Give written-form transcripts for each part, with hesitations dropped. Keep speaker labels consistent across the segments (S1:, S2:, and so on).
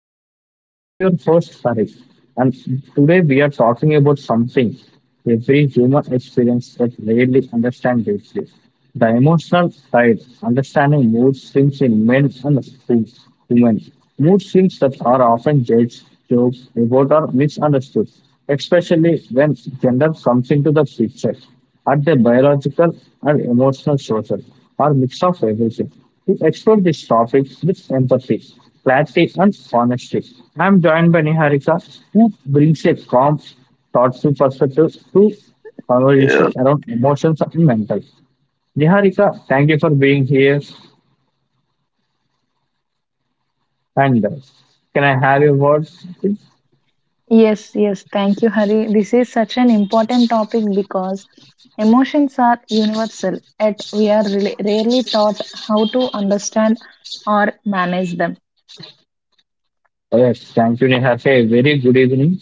S1: podcast. I'm your host, Sari, and today we are talking about something every human experience that rarely understand deeply. The emotional side, understanding mood swings in men and women. Mood swings that are often judged, joked about, or misunderstood, especially when gender comes into the picture. At the biological and emotional social, or mix of everything. To explore this topic with empathy, clarity, and honesty, I am joined by Niharika, who brings a calm, thoughtful perspective to
S2: Yeah.
S1: conversations around emotions and mental. Niharika, thank you for being here. And Can I have your words, please?
S2: Yes, yes. Thank you, Hari. This is such an important topic because emotions are universal, yet we are really rarely taught how to understand or manage them.
S1: Yes, thank you, Neha. A very good evening.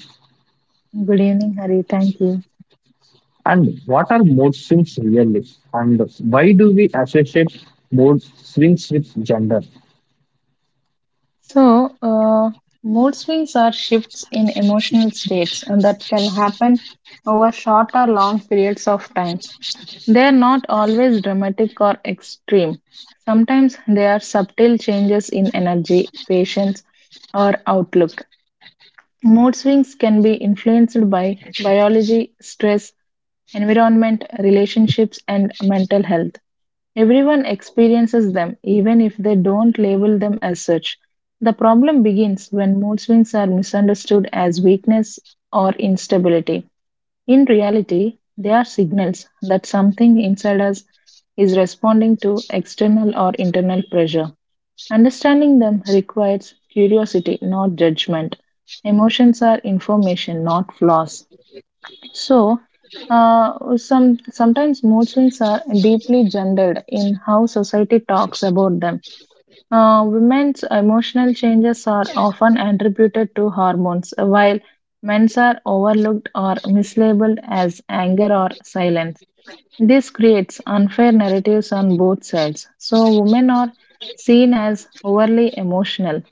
S2: Good evening, Hari. Thank you.
S1: And what are mood swings really? And why do we associate mood swings with gender?
S2: So, uh, mood swings are shifts in emotional states and that can happen over short or long periods of time. They are not always dramatic or extreme. Sometimes they are subtle changes in energy, patience, or outlook. Mood swings can be influenced by biology, stress, environment, relationships, and mental health. Everyone experiences them, even if they don't label them as such. The problem begins when mood swings are misunderstood as weakness or instability. In reality, they are signals that something inside us is responding to external or internal pressure. Understanding them requires curiosity, not judgment. Emotions are information, not flaws. So, sometimes mood swings are deeply gendered in how society talks about them. Women's emotional changes are often attributed to hormones, while men's are overlooked or mislabeled as anger or silence. This creates unfair narratives on both sides. So, women are seen as overly emotional,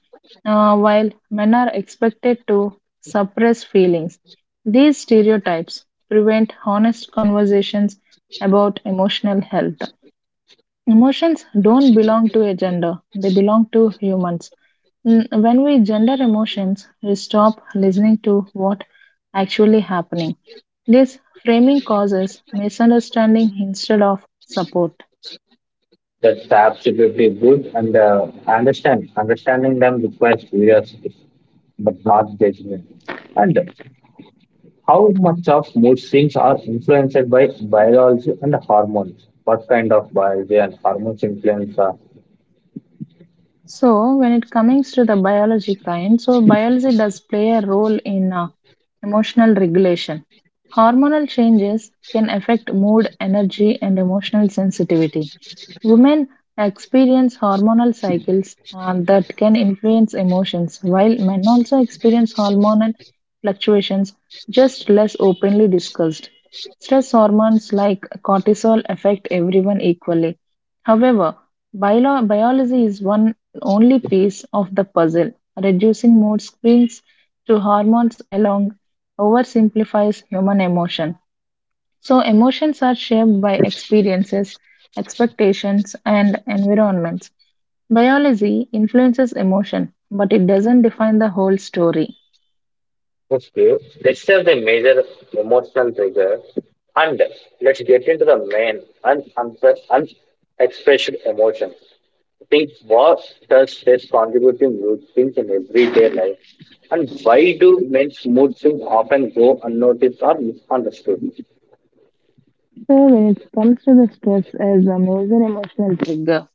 S2: while men are expected to suppress feelings. These stereotypes prevent honest conversations about emotional health. Emotions don't belong to a gender, they belong to humans. When we gender emotions, we stop listening to what actually happening. This framing causes misunderstanding instead of support.
S1: That's absolutely good. And understanding them requires curiosity, but not judgment. And how much of mood swings are influenced by biology and hormones? What kind of biology and hormones influence?
S2: So, when it comes to the biology kind, so biology does play a role in emotional regulation. Hormonal changes can affect mood, energy, and emotional sensitivity. Women experience hormonal cycles that can influence emotions, while men also experience hormonal fluctuations, just less openly discussed. Stress hormones like cortisol affect everyone equally. However, biology is one only piece of the puzzle. Reducing mood screens to hormones alone oversimplifies human emotion. So, emotions are shaped by experiences, expectations, and environments. Biology influences emotion, but it doesn't define the whole story.
S1: Okay, let's have the major emotional trigger and let's get into the unexpressed emotions. I think what does stress contribute to mood swings in everyday life, and why do men's mood swings often go unnoticed or misunderstood?
S2: So, when it comes to the stress as a major emotional trigger,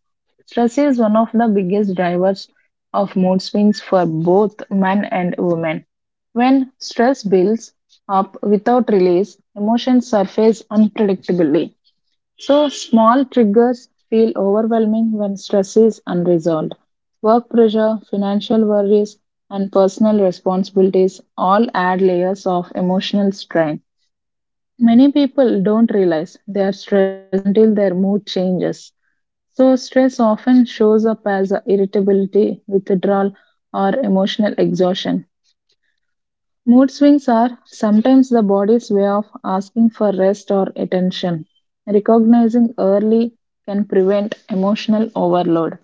S2: stress is one of the biggest drivers of mood swings for both men and women. When stress builds up without release, emotions surface unpredictably. So, small triggers feel overwhelming when stress is unresolved. Work pressure, financial worries, and personal responsibilities all add layers of emotional strain. Many people don't realize they are stressed until their mood changes. So, stress often shows up as irritability, withdrawal, or emotional exhaustion. Mood swings are sometimes the body's way of asking for rest or attention. Recognizing early can prevent emotional overload.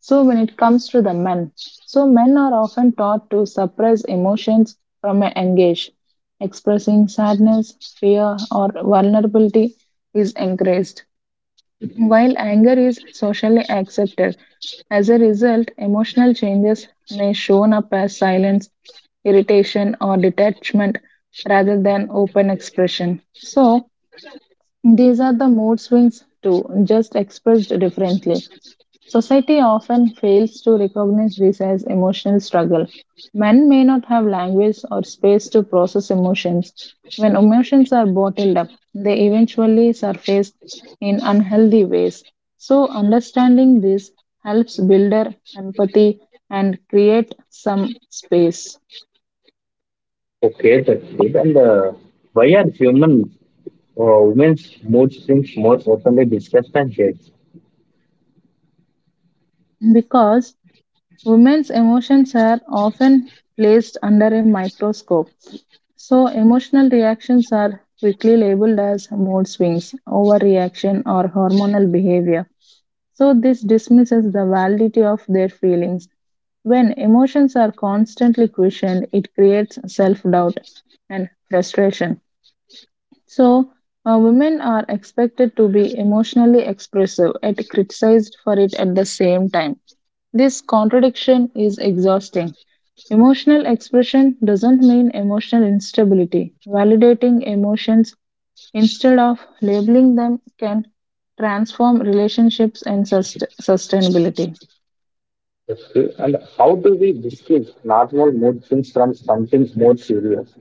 S2: So, when it comes to the men, so men are often taught to suppress emotions from a young age. Expressing sadness, fear, or vulnerability is encouraged. While anger is socially accepted, as a result, emotional changes may shown up as silence, irritation, or detachment rather than open expression. So, these are the mood swings too, just expressed differently. Society often fails to recognize this as emotional struggle. Men may not have language or space to process emotions. When emotions are bottled up, they eventually surface in unhealthy ways. So, understanding this helps build our empathy and create some space.
S1: Okay, that's it. And why are human women's mood swings more openly discussed than shared?
S2: Because women's emotions are often placed under a microscope. So, emotional reactions are quickly labeled as mood swings, overreaction, or hormonal behavior. So, this dismisses the validity of their feelings. When emotions are constantly questioned, it creates self doubt and frustration. So, women are expected to be emotionally expressive and criticized for it at the same time. This contradiction is exhausting. Emotional expression doesn't mean emotional instability. Validating emotions instead of labeling them can transform relationships and sustainability.
S1: Okay. And how do we distinguish normal mood swings from something more serious?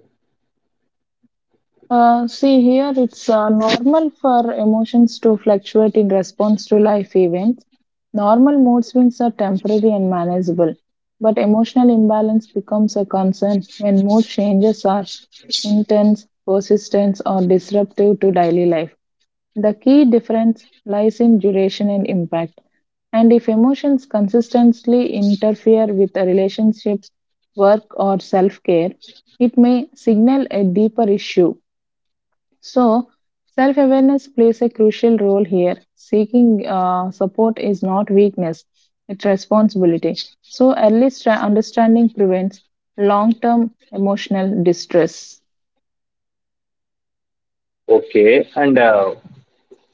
S2: See, here it's normal for emotions to fluctuate in response to life events. Normal mood swings are temporary and manageable, but emotional imbalance becomes a concern when mood changes are intense, persistent, or disruptive to daily life. The key difference lies in duration and impact. And if emotions consistently interfere with the relationships, work, or self care, it may signal a deeper issue. So, self awareness plays a crucial role here. Seeking support is not weakness, it's responsibility. So, early understanding prevents long term emotional distress.
S1: Okay. And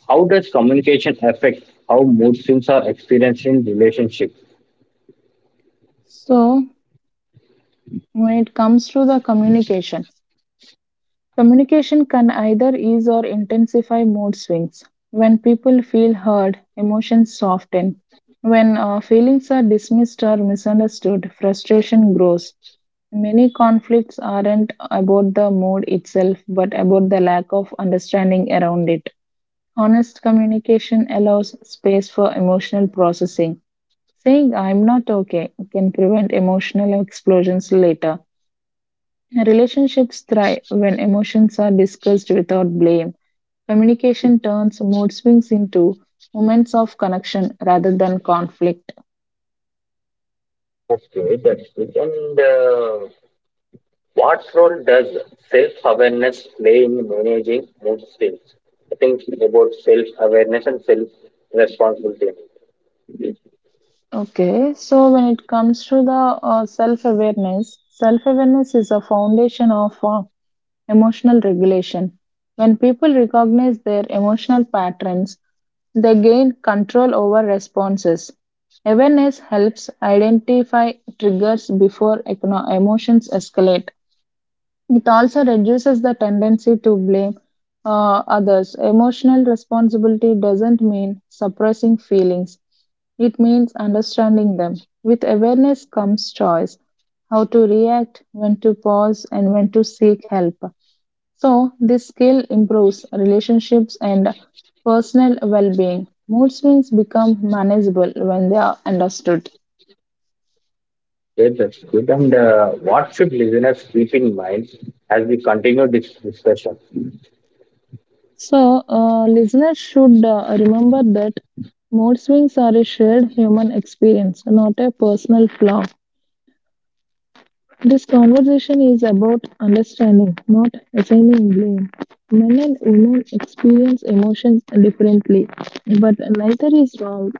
S1: How does communication affect how mood swings are experienced in relationships?
S2: So, when it comes to the communication, communication can either ease or intensify mood swings. When people feel heard, emotions soften. When feelings are dismissed or misunderstood, frustration grows. Many conflicts aren't about the mood itself, but about the lack of understanding around it. Honest communication allows space for emotional processing. Saying, "I'm not okay," can prevent emotional explosions later. Relationships thrive when emotions are discussed without blame. Communication turns mood swings into moments of connection rather than conflict.
S1: Okay, that's good. And What role does self-awareness play in managing mood swings? I think about self-awareness and self-responsibility. Okay,
S2: Okay, so when it comes to the self awareness is a foundation of emotional regulation. When people recognize their emotional patterns, they gain control over responses. Awareness helps identify triggers before emotions escalate. It also reduces the tendency to blame others. Emotional responsibility doesn't mean suppressing feelings, it means understanding them. With awareness comes choice: how to react, when to pause, and when to seek help. So, this skill improves relationships and personal well being. Mood swings become manageable when they are understood.
S1: that's good. And What should listeners keep in mind as we continue this discussion?
S2: So, listeners should remember that mood swings are a shared human experience, not a personal flaw. This conversation is about understanding, not assigning blame. Men and women experience emotions differently, but neither is wrong.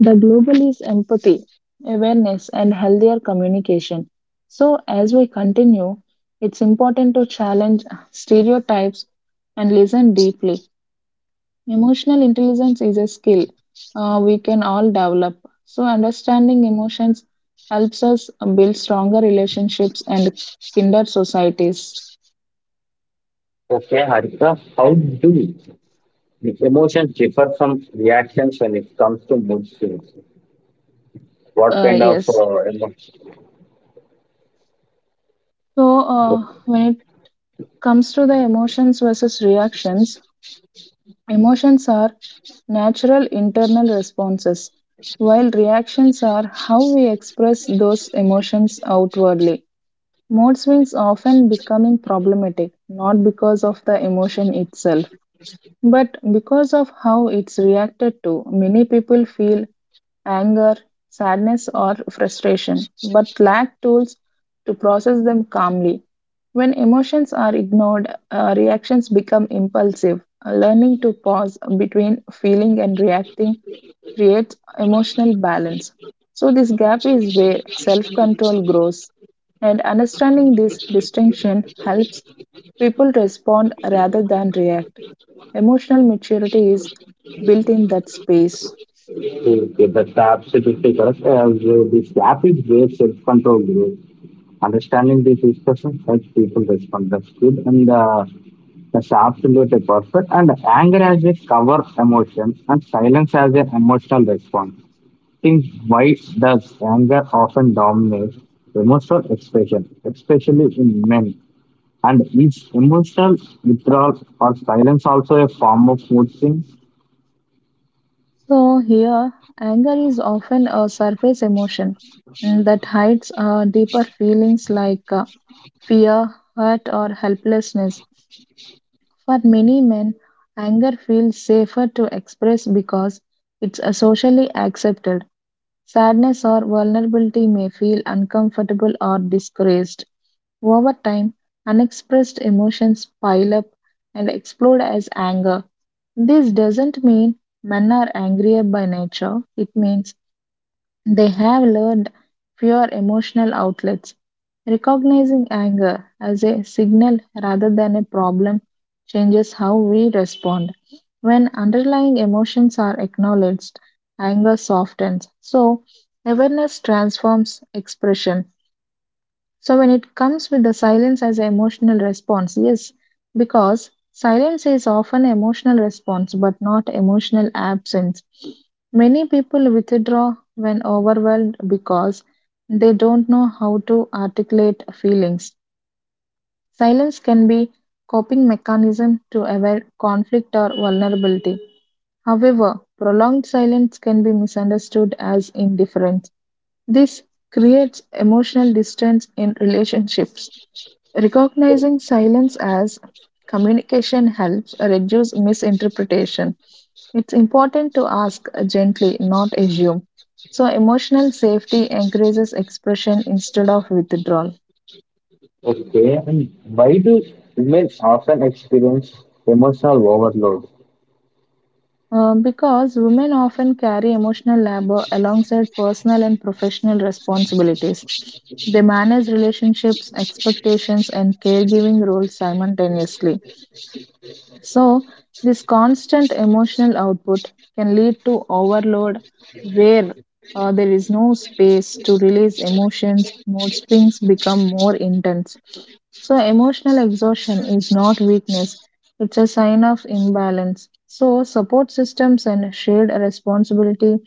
S2: The global is empathy, awareness, and healthier communication. So, as we continue, it's important to challenge stereotypes and listen deeply. Emotional intelligence is a skill we can all develop. So, understanding emotions helps us build stronger relationships and kinder societies.
S1: Okay, Harika, how do the emotions differ from reactions when it comes to mood swings? What kind of
S2: Yes.
S1: emotions?
S2: So, when it comes to the emotions versus reactions, emotions are natural internal responses, while reactions are how we express those emotions outwardly. Mood swings often becoming problematic, not because of the emotion itself, but because of how it's reacted to. Many people feel anger, sadness, or frustration, but lack tools to process them calmly. When emotions are ignored, reactions become impulsive. Learning to pause between feeling and reacting creates emotional balance. So, this gap is where self control grows, and understanding this distinction helps people respond rather than react. Emotional maturity is built in that space.
S1: Okay, that's absolutely correct. As This gap is where self control group, understanding these discussions helps people respond. That's good, and that's absolutely perfect. And anger as a cover emotion, and silence as an emotional response. Think, why does anger often dominate emotional expression, especially in men? And is emotional withdrawal or silence also a form of mood swing?
S2: So here, anger is often a surface emotion that hides deeper feelings like fear, hurt, or helplessness. For many men, anger feels safer to express because it's socially accepted. Sadness or vulnerability may feel uncomfortable or disgraced. Over time, unexpressed emotions pile up and explode as anger. This doesn't mean men are angrier by nature, it means they have learned fewer emotional outlets. Recognizing anger as a signal rather than a problem changes how we respond. When underlying emotions are acknowledged, anger softens. So, awareness transforms expression. So when it comes with the silence as an emotional response, yes, because silence is often emotional response but not emotional absence. Many people withdraw when overwhelmed because they don't know how to articulate feelings. Silence can be coping mechanism to avoid conflict or vulnerability. However, prolonged silence can be misunderstood as indifference. This creates emotional distance in relationships. Recognizing silence as communication helps reduce misinterpretation. It's important to ask gently, not assume. So, emotional safety encourages expression instead of withdrawal.
S1: Okay, and why do women often experience emotional overload?
S2: Because women often carry emotional labor alongside personal and professional responsibilities. They manage relationships, expectations, and caregiving roles simultaneously. So, this constant emotional output can lead to overload where there is no space to release emotions, mood swings become more intense. So, emotional exhaustion is not weakness, it's a sign of imbalance. So, support systems and shared responsibility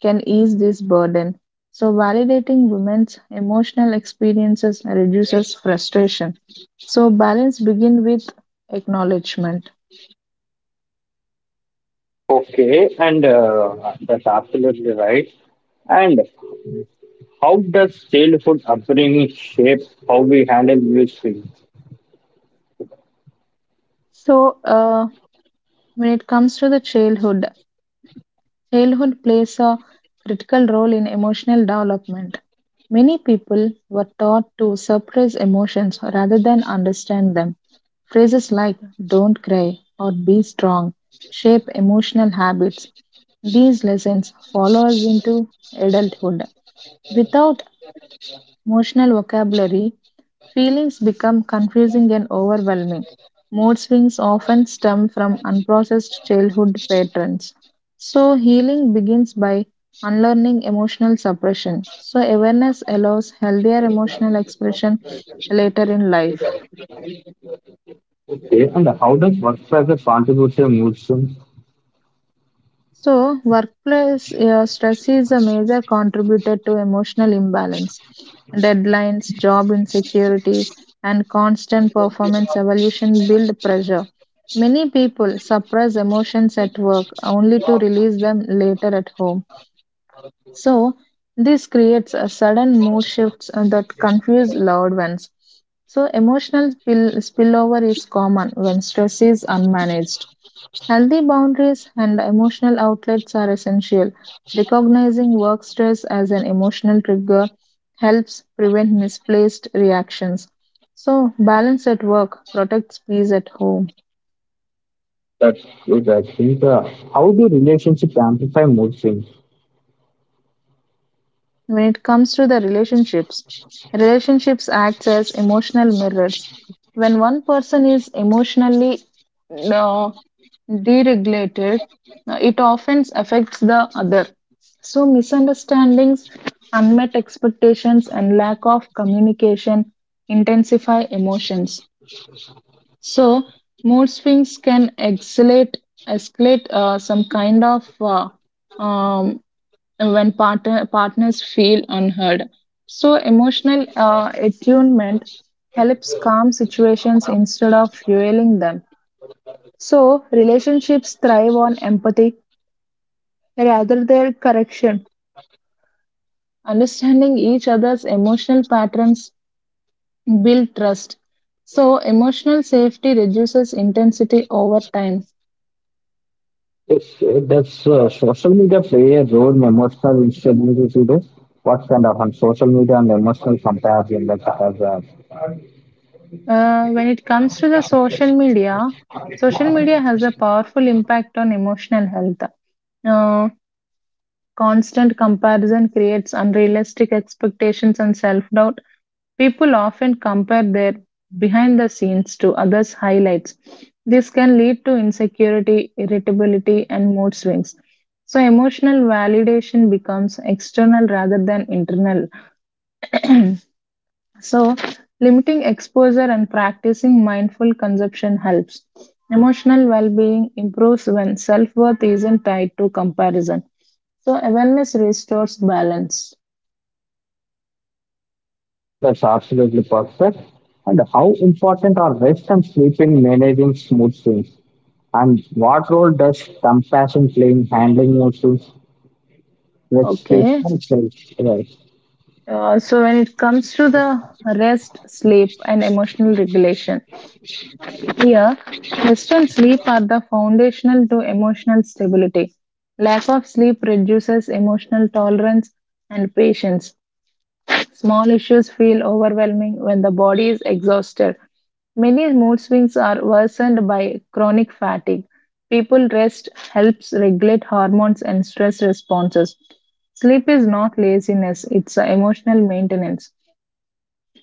S2: can ease this burden. So, validating women's emotional experiences reduces frustration. So, balance begins with acknowledgement.
S1: Okay, and that's absolutely right. And how does childhood upbringing shape how we handle mood swings?
S2: So, when it comes to the childhood, childhood plays a critical role in emotional development. Many people were taught to suppress emotions rather than understand them. Phrases like "don't cry" or "be strong" shape emotional habits. These lessons follow us into adulthood without emotional vocabulary. Feelings become confusing and overwhelming. Mood swings often stem from unprocessed childhood patterns. So, healing begins by unlearning emotional suppression. So, awareness allows healthier emotional expression later in life.
S1: Okay, and how does work pressure contribute to mood swings?
S2: So, workplace stress is a major contributor to emotional imbalance. Deadlines, job insecurity, and constant performance evolution build pressure. Many people suppress emotions at work only to release them later at home. So, this creates a sudden mood shifts that confuse loved ones. So, emotional spillover is common when stress is unmanaged. Healthy boundaries and emotional outlets are essential. Recognizing work stress as an emotional trigger helps prevent misplaced reactions. So, balance at work protects peace at home.
S1: That's good, I think. How do relationships amplify mood swings?
S2: When it comes to the relationships, relationships acts as emotional mirrors. When one person is emotionally uh, deregulated, it often affects the other. So, misunderstandings, unmet expectations, and lack of communication intensify emotions. So, mood swings can escalate some kind of uh, um, when partners feel unheard. So, emotional attunement helps calm situations instead of fueling them. So, relationships thrive on empathy rather than correction. Understanding each other's emotional patterns build trust. So, emotional safety reduces intensity over time.
S1: Yes, does social media play a role in emotional instability today? What kind of on social media and emotional comparison that has
S2: When it comes to the social media has a powerful impact on emotional health. Uh, Constant comparison creates unrealistic expectations and self doubt. People often compare their behind the scenes to others' highlights. This can lead to insecurity, irritability, and mood swings. So, emotional validation becomes external rather than internal. So, limiting exposure and practicing mindful consumption helps. Emotional well being improves when self worth isn't tied to comparison. So, awareness restores balance.
S1: said that's absolutely perfect. And how important are rest and sleep in managing mood swings? And what role does compassion play in handling mood swings? Let's speak.
S2: Okay.
S1: Yes.
S2: So when it comes to the rest, sleep, and emotional regulation, here, rest and sleep are the foundational to emotional stability. Lack of sleep reduces emotional tolerance and patience. Small issues feel overwhelming when the body is exhausted. Many mood swings are worsened by chronic fatigue. People rest helps regulate hormones and stress responses. Sleep is not laziness, it's a emotional maintenance.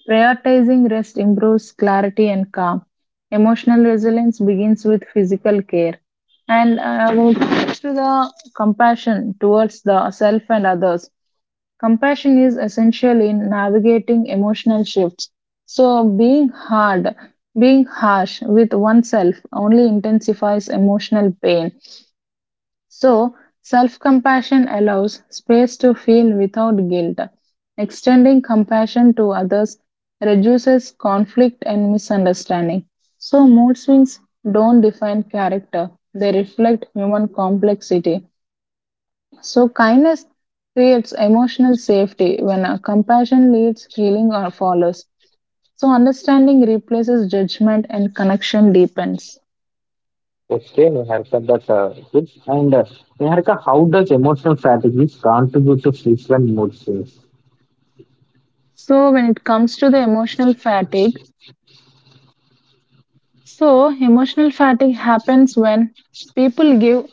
S2: Prioritizing rest improves clarity and calm. Emotional resilience begins with physical care. And I will go to the compassion towards the self and others. Compassion is essential in navigating emotional shifts. So, being harsh with oneself only intensifies emotional pain. So, self compassion allows space to feel without guilt. Extending compassion to others reduces conflict and misunderstanding. So, mood swings don't define character, they reflect human complexity. So, kindness creates emotional safety when compassion leads healing or follows. So, understanding replaces judgment and connection deepens.
S1: Explain, Niharika, that. Good. And Niharika, how does emotional strategies contribute to frequent mood swings?
S2: So, when it comes to the emotional fatigue, so emotional fatigue happens when people give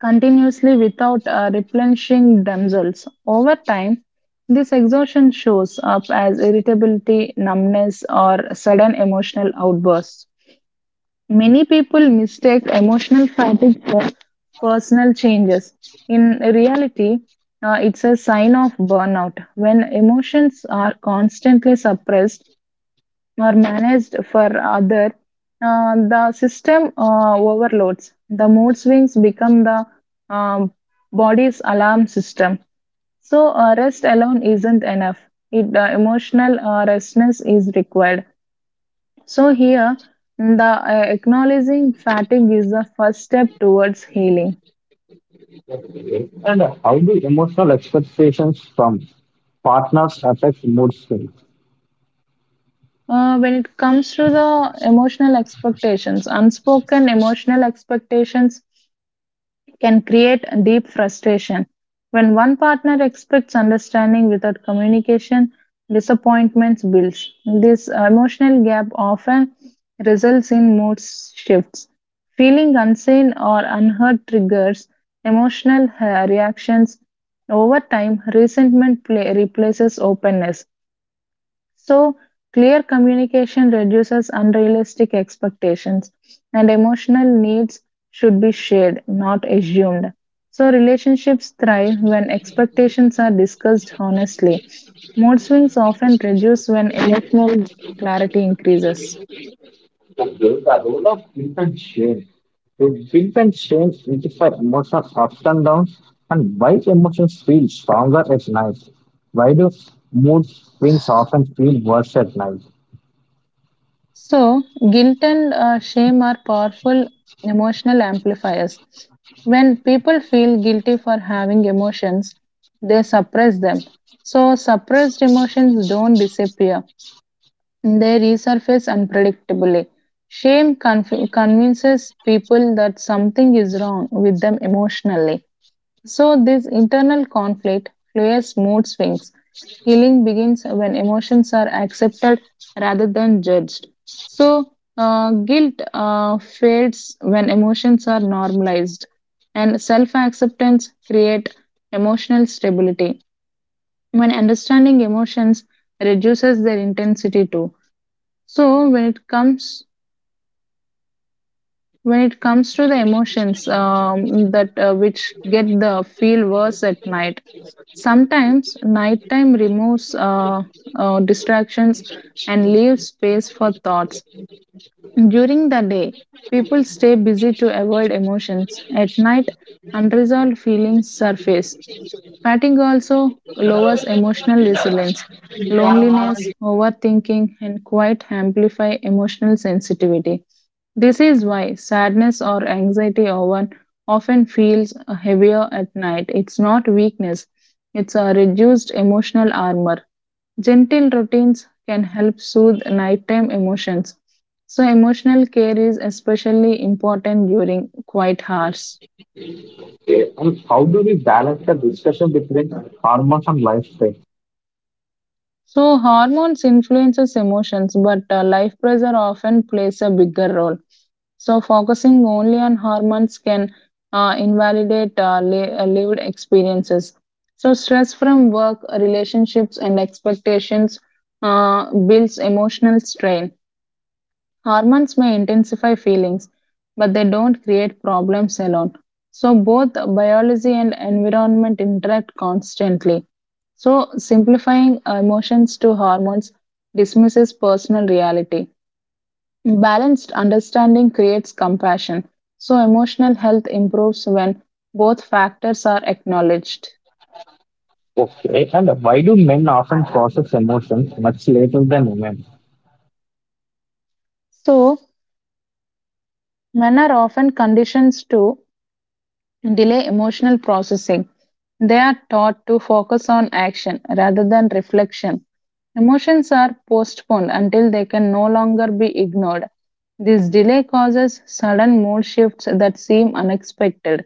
S2: continuously without replenishing themselves. Over time, this exhaustion shows up as irritability, numbness, or sudden emotional outbursts. Many people mistake emotional fatigue for personal changes. In reality, it's a sign of burnout. When emotions are constantly suppressed or managed for other, the system overloads. The mood swings become the um, body's alarm system. So rest alone isn't enough. Emotional restness is required so here, the acknowledging fatigue is the first step towards healing.
S1: And how do emotional expectations from partners affect mood swings?
S2: When it comes to the emotional expectations, unspoken emotional expectations can create a deep frustration. When one partner expects understanding without communication, disappointments builds. This emotional gap often results in mood shifts. Feeling unseen or unheard triggers emotional reactions. Over time, resentment replaces openness. So, clear communication reduces unrealistic expectations, and emotional needs should be shared, not assumed. So, relationships thrive when expectations are discussed honestly. Mood swings often reduce when emotional clarity increases.
S1: The role of guilt and shame. So guilt and shame identify emotional ups and downs and why emotions feel stronger at night. Why do mood swings often feel worse at night?
S2: So, guilt and shame are powerful emotional amplifiers. When people feel guilty for having emotions, they suppress them. So, suppressed emotions don't disappear, they resurface unpredictably. Shame convinces people that something is wrong with them emotionally, so this internal conflict fuels mood swings. Healing begins when emotions are accepted rather than judged. So, guilt fades when emotions are normalized, and self acceptance create emotional stability. When understanding emotions reduces their intensity too. So, when it comes to the emotions that which get the feel worse at night, sometimes nighttime removes distractions and leaves space for thoughts. During the day people stay busy to avoid emotions. At night unresolved feelings surface. Fatigue also lowers emotional resilience. Loneliness, overthinking, and quiet amplify emotional sensitivity. This is why sadness or anxiety often feels heavier at night. It's not weakness, it's a reduced emotional armor. Gentle routines can help soothe nighttime emotions. So, emotional care is especially important during quiet hours.
S1: Okay. And how do we balance the discussion between hormones and lifestyle?
S2: So hormones influences emotions, but life pressure often plays a bigger role. So focusing only on hormones can invalidate lived experiences. So stress from work, relationships, and expectations builds emotional strain. Hormones may intensify feelings, but they don't create problems alone. So, both biology and environment interact constantly. So, simplifying emotions to hormones dismisses personal reality. Balanced understanding creates compassion. So, emotional health improves when both factors are acknowledged.
S1: Okay, and why do men often process emotions much later than women?
S2: So, men are often conditioned to delay emotional processing. They are taught to focus on action rather than reflection. Emotions are postponed until they can no longer be ignored. This delay causes sudden mood shifts that seem unexpected.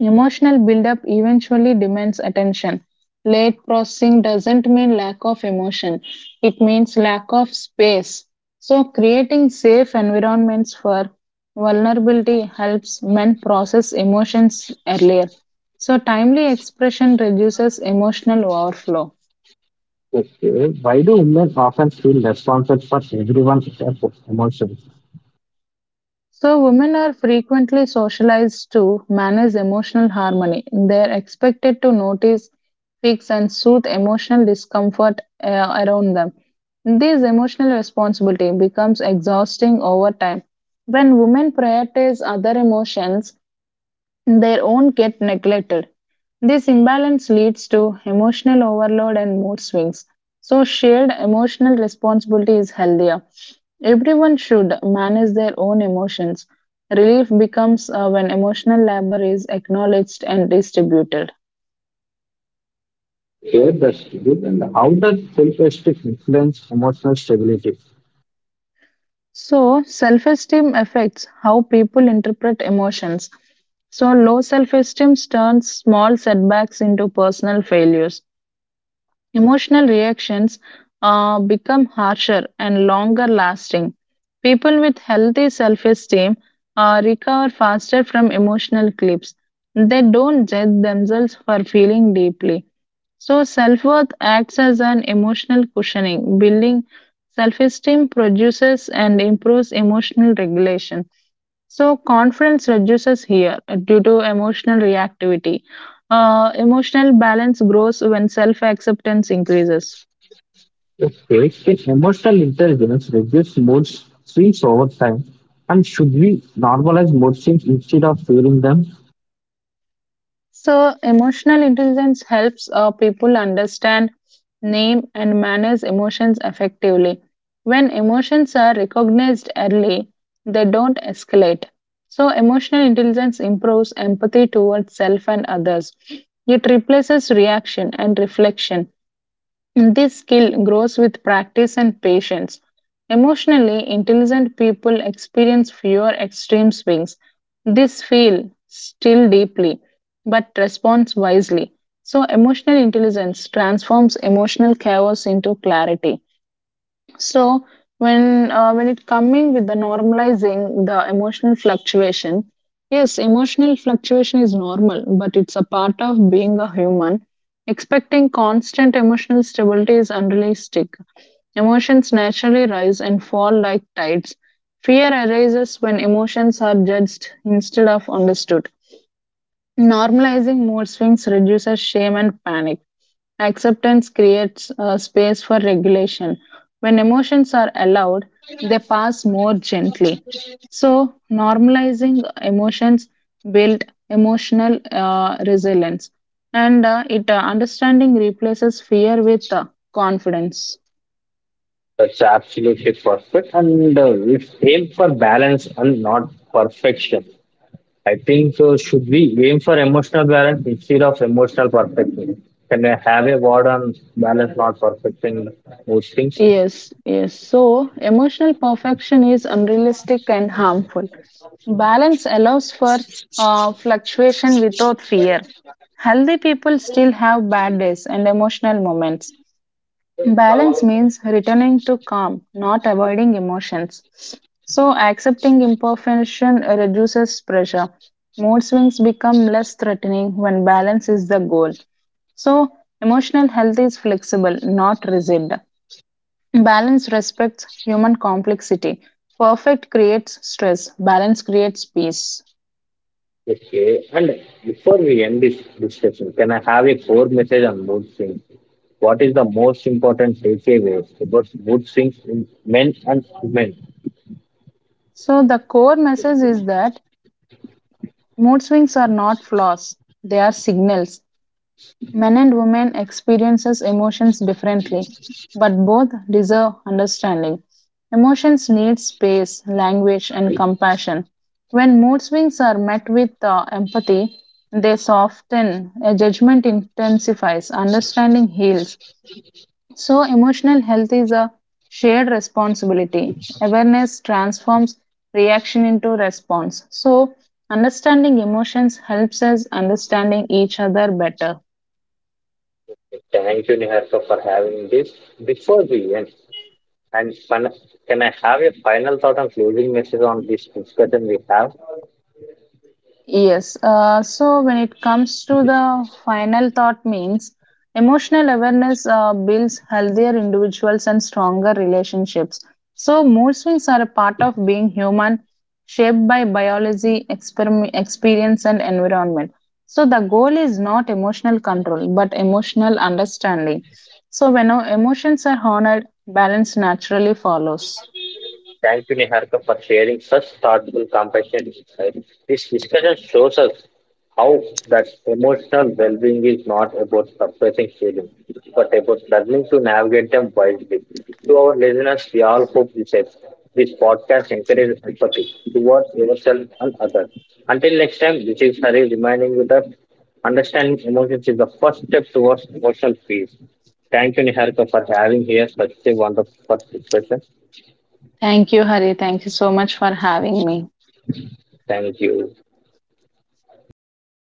S2: Emotional buildup eventually demands attention. Late processing doesn't mean lack of emotion, it means lack of space. So, creating safe environments for vulnerability helps men process emotions earlier. So, timely expression reduces emotional overflow.
S1: Okay. Why do women often feel responsible for everyone's emotions?
S2: So, women are frequently socialized to manage emotional harmony. They are expected to notice, fix, and soothe emotional discomfort around them. This emotional responsibility becomes exhausting over time. When women prioritize other emotions, their own get neglected. This imbalance leads to emotional overload and mood swings. So, shared emotional responsibility is healthier. Everyone should manage their own emotions. Relief becomes when emotional labor is acknowledged and distributed.
S1: Okay, that's good. And how does self-esteem influence emotional stability?
S2: So, self esteem affects how people interpret emotions. So, low self esteem turns small setbacks into personal failures. Emotional reactions become harsher and longer lasting. People with healthy self esteem recover faster from emotional clips. They don't judge themselves for feeling deeply. So, self worth acts as an emotional cushioning. Building self esteem produces and improves emotional regulation. So conference reduces here due to emotional reactivity. Emotional balance grows when self acceptance increases.
S1: Okay, can emotional intelligence reduce mood swings over time? And should we normalize mood swings instead of fearing them?
S2: So emotional intelligence helps people understand, name, and manage emotions effectively. When emotions are recognized early, they don't escalate. So emotional intelligence improves empathy towards self and others. It replaces reaction and reflection. This skill grows with practice and patience. Emotionally intelligent people experience fewer extreme swings. This feel still deeply, but responds wisely. So, emotional intelligence transforms emotional chaos into clarity. So when it coming with the normalizing the emotional fluctuation, yes, emotional fluctuation is normal, but it's a part of being a human. Expecting constant emotional stability is unrealistic. Emotions naturally rise and fall like tides. Fear arises when emotions are judged instead of understood. Normalizing mood swings reduces shame and panic. Acceptance creates space for regulation. When emotions are allowed, they pass more gently. So, normalizing emotions build emotional resilience, and it understanding replaces fear with confidence.
S1: That's absolutely perfect. And We aim for balance and not perfection, I think so. Should we aim for emotional balance instead of emotional perfection? Can I have a word on balance, not perfection, most things?
S2: Yes, yes. So, emotional perfection is unrealistic and harmful. Balance allows for fluctuation without fear. Healthy people still have bad days and emotional moments. Balance means returning to calm, not avoiding emotions. So, accepting imperfection reduces pressure. Mood swings become less threatening when balance is the goal. So, emotional health is flexible, not rigid. Balance respects human complexity. Perfect creates stress. Balance creates peace.
S1: Okay. And before we end this discussion, can I have a core message on mood swings? What is the most important takeaway about mood swings in men and women?
S2: So, the core message is that mood swings are not flaws, they are signals. Men and women experiences emotions differently, but both deserve understanding. Emotions need space, language, and compassion. When mood swings are met with empathy, they soften, a judgment intensifies, understanding heals. So, emotional health is a shared responsibility. Awareness transforms reaction into response. So, understanding emotions helps us understanding each other better.
S1: Thank you, Niharika, for having this. Before we end, and fin- can I have a final thought on closing message on this discussion we have?
S2: Yes. So when it comes to the final thought means emotional awareness builds healthier individuals and stronger relationships. So mood swings are a part of being human, shaped by biology, experiment, experience, and environment. So the goal is not emotional control, but emotional understanding. So when our emotions are honored, balance naturally follows.
S1: Thank you, Niharika, for sharing such thoughtful, compassionate insights. This discussion shows us how that emotional well-being is not about suppressing feelings, but about learning to navigate them wisely. To our listeners, we all hope this helps. This podcast encourages empathy towards yourself and others. Until next time, this is Hari reminding you that understanding emotions is the first step towards emotional peace. Thank you, Niharika, for having here such a wonderful discussion.
S2: Thank you, Hari. Thank you so much for having me.
S1: Thank you.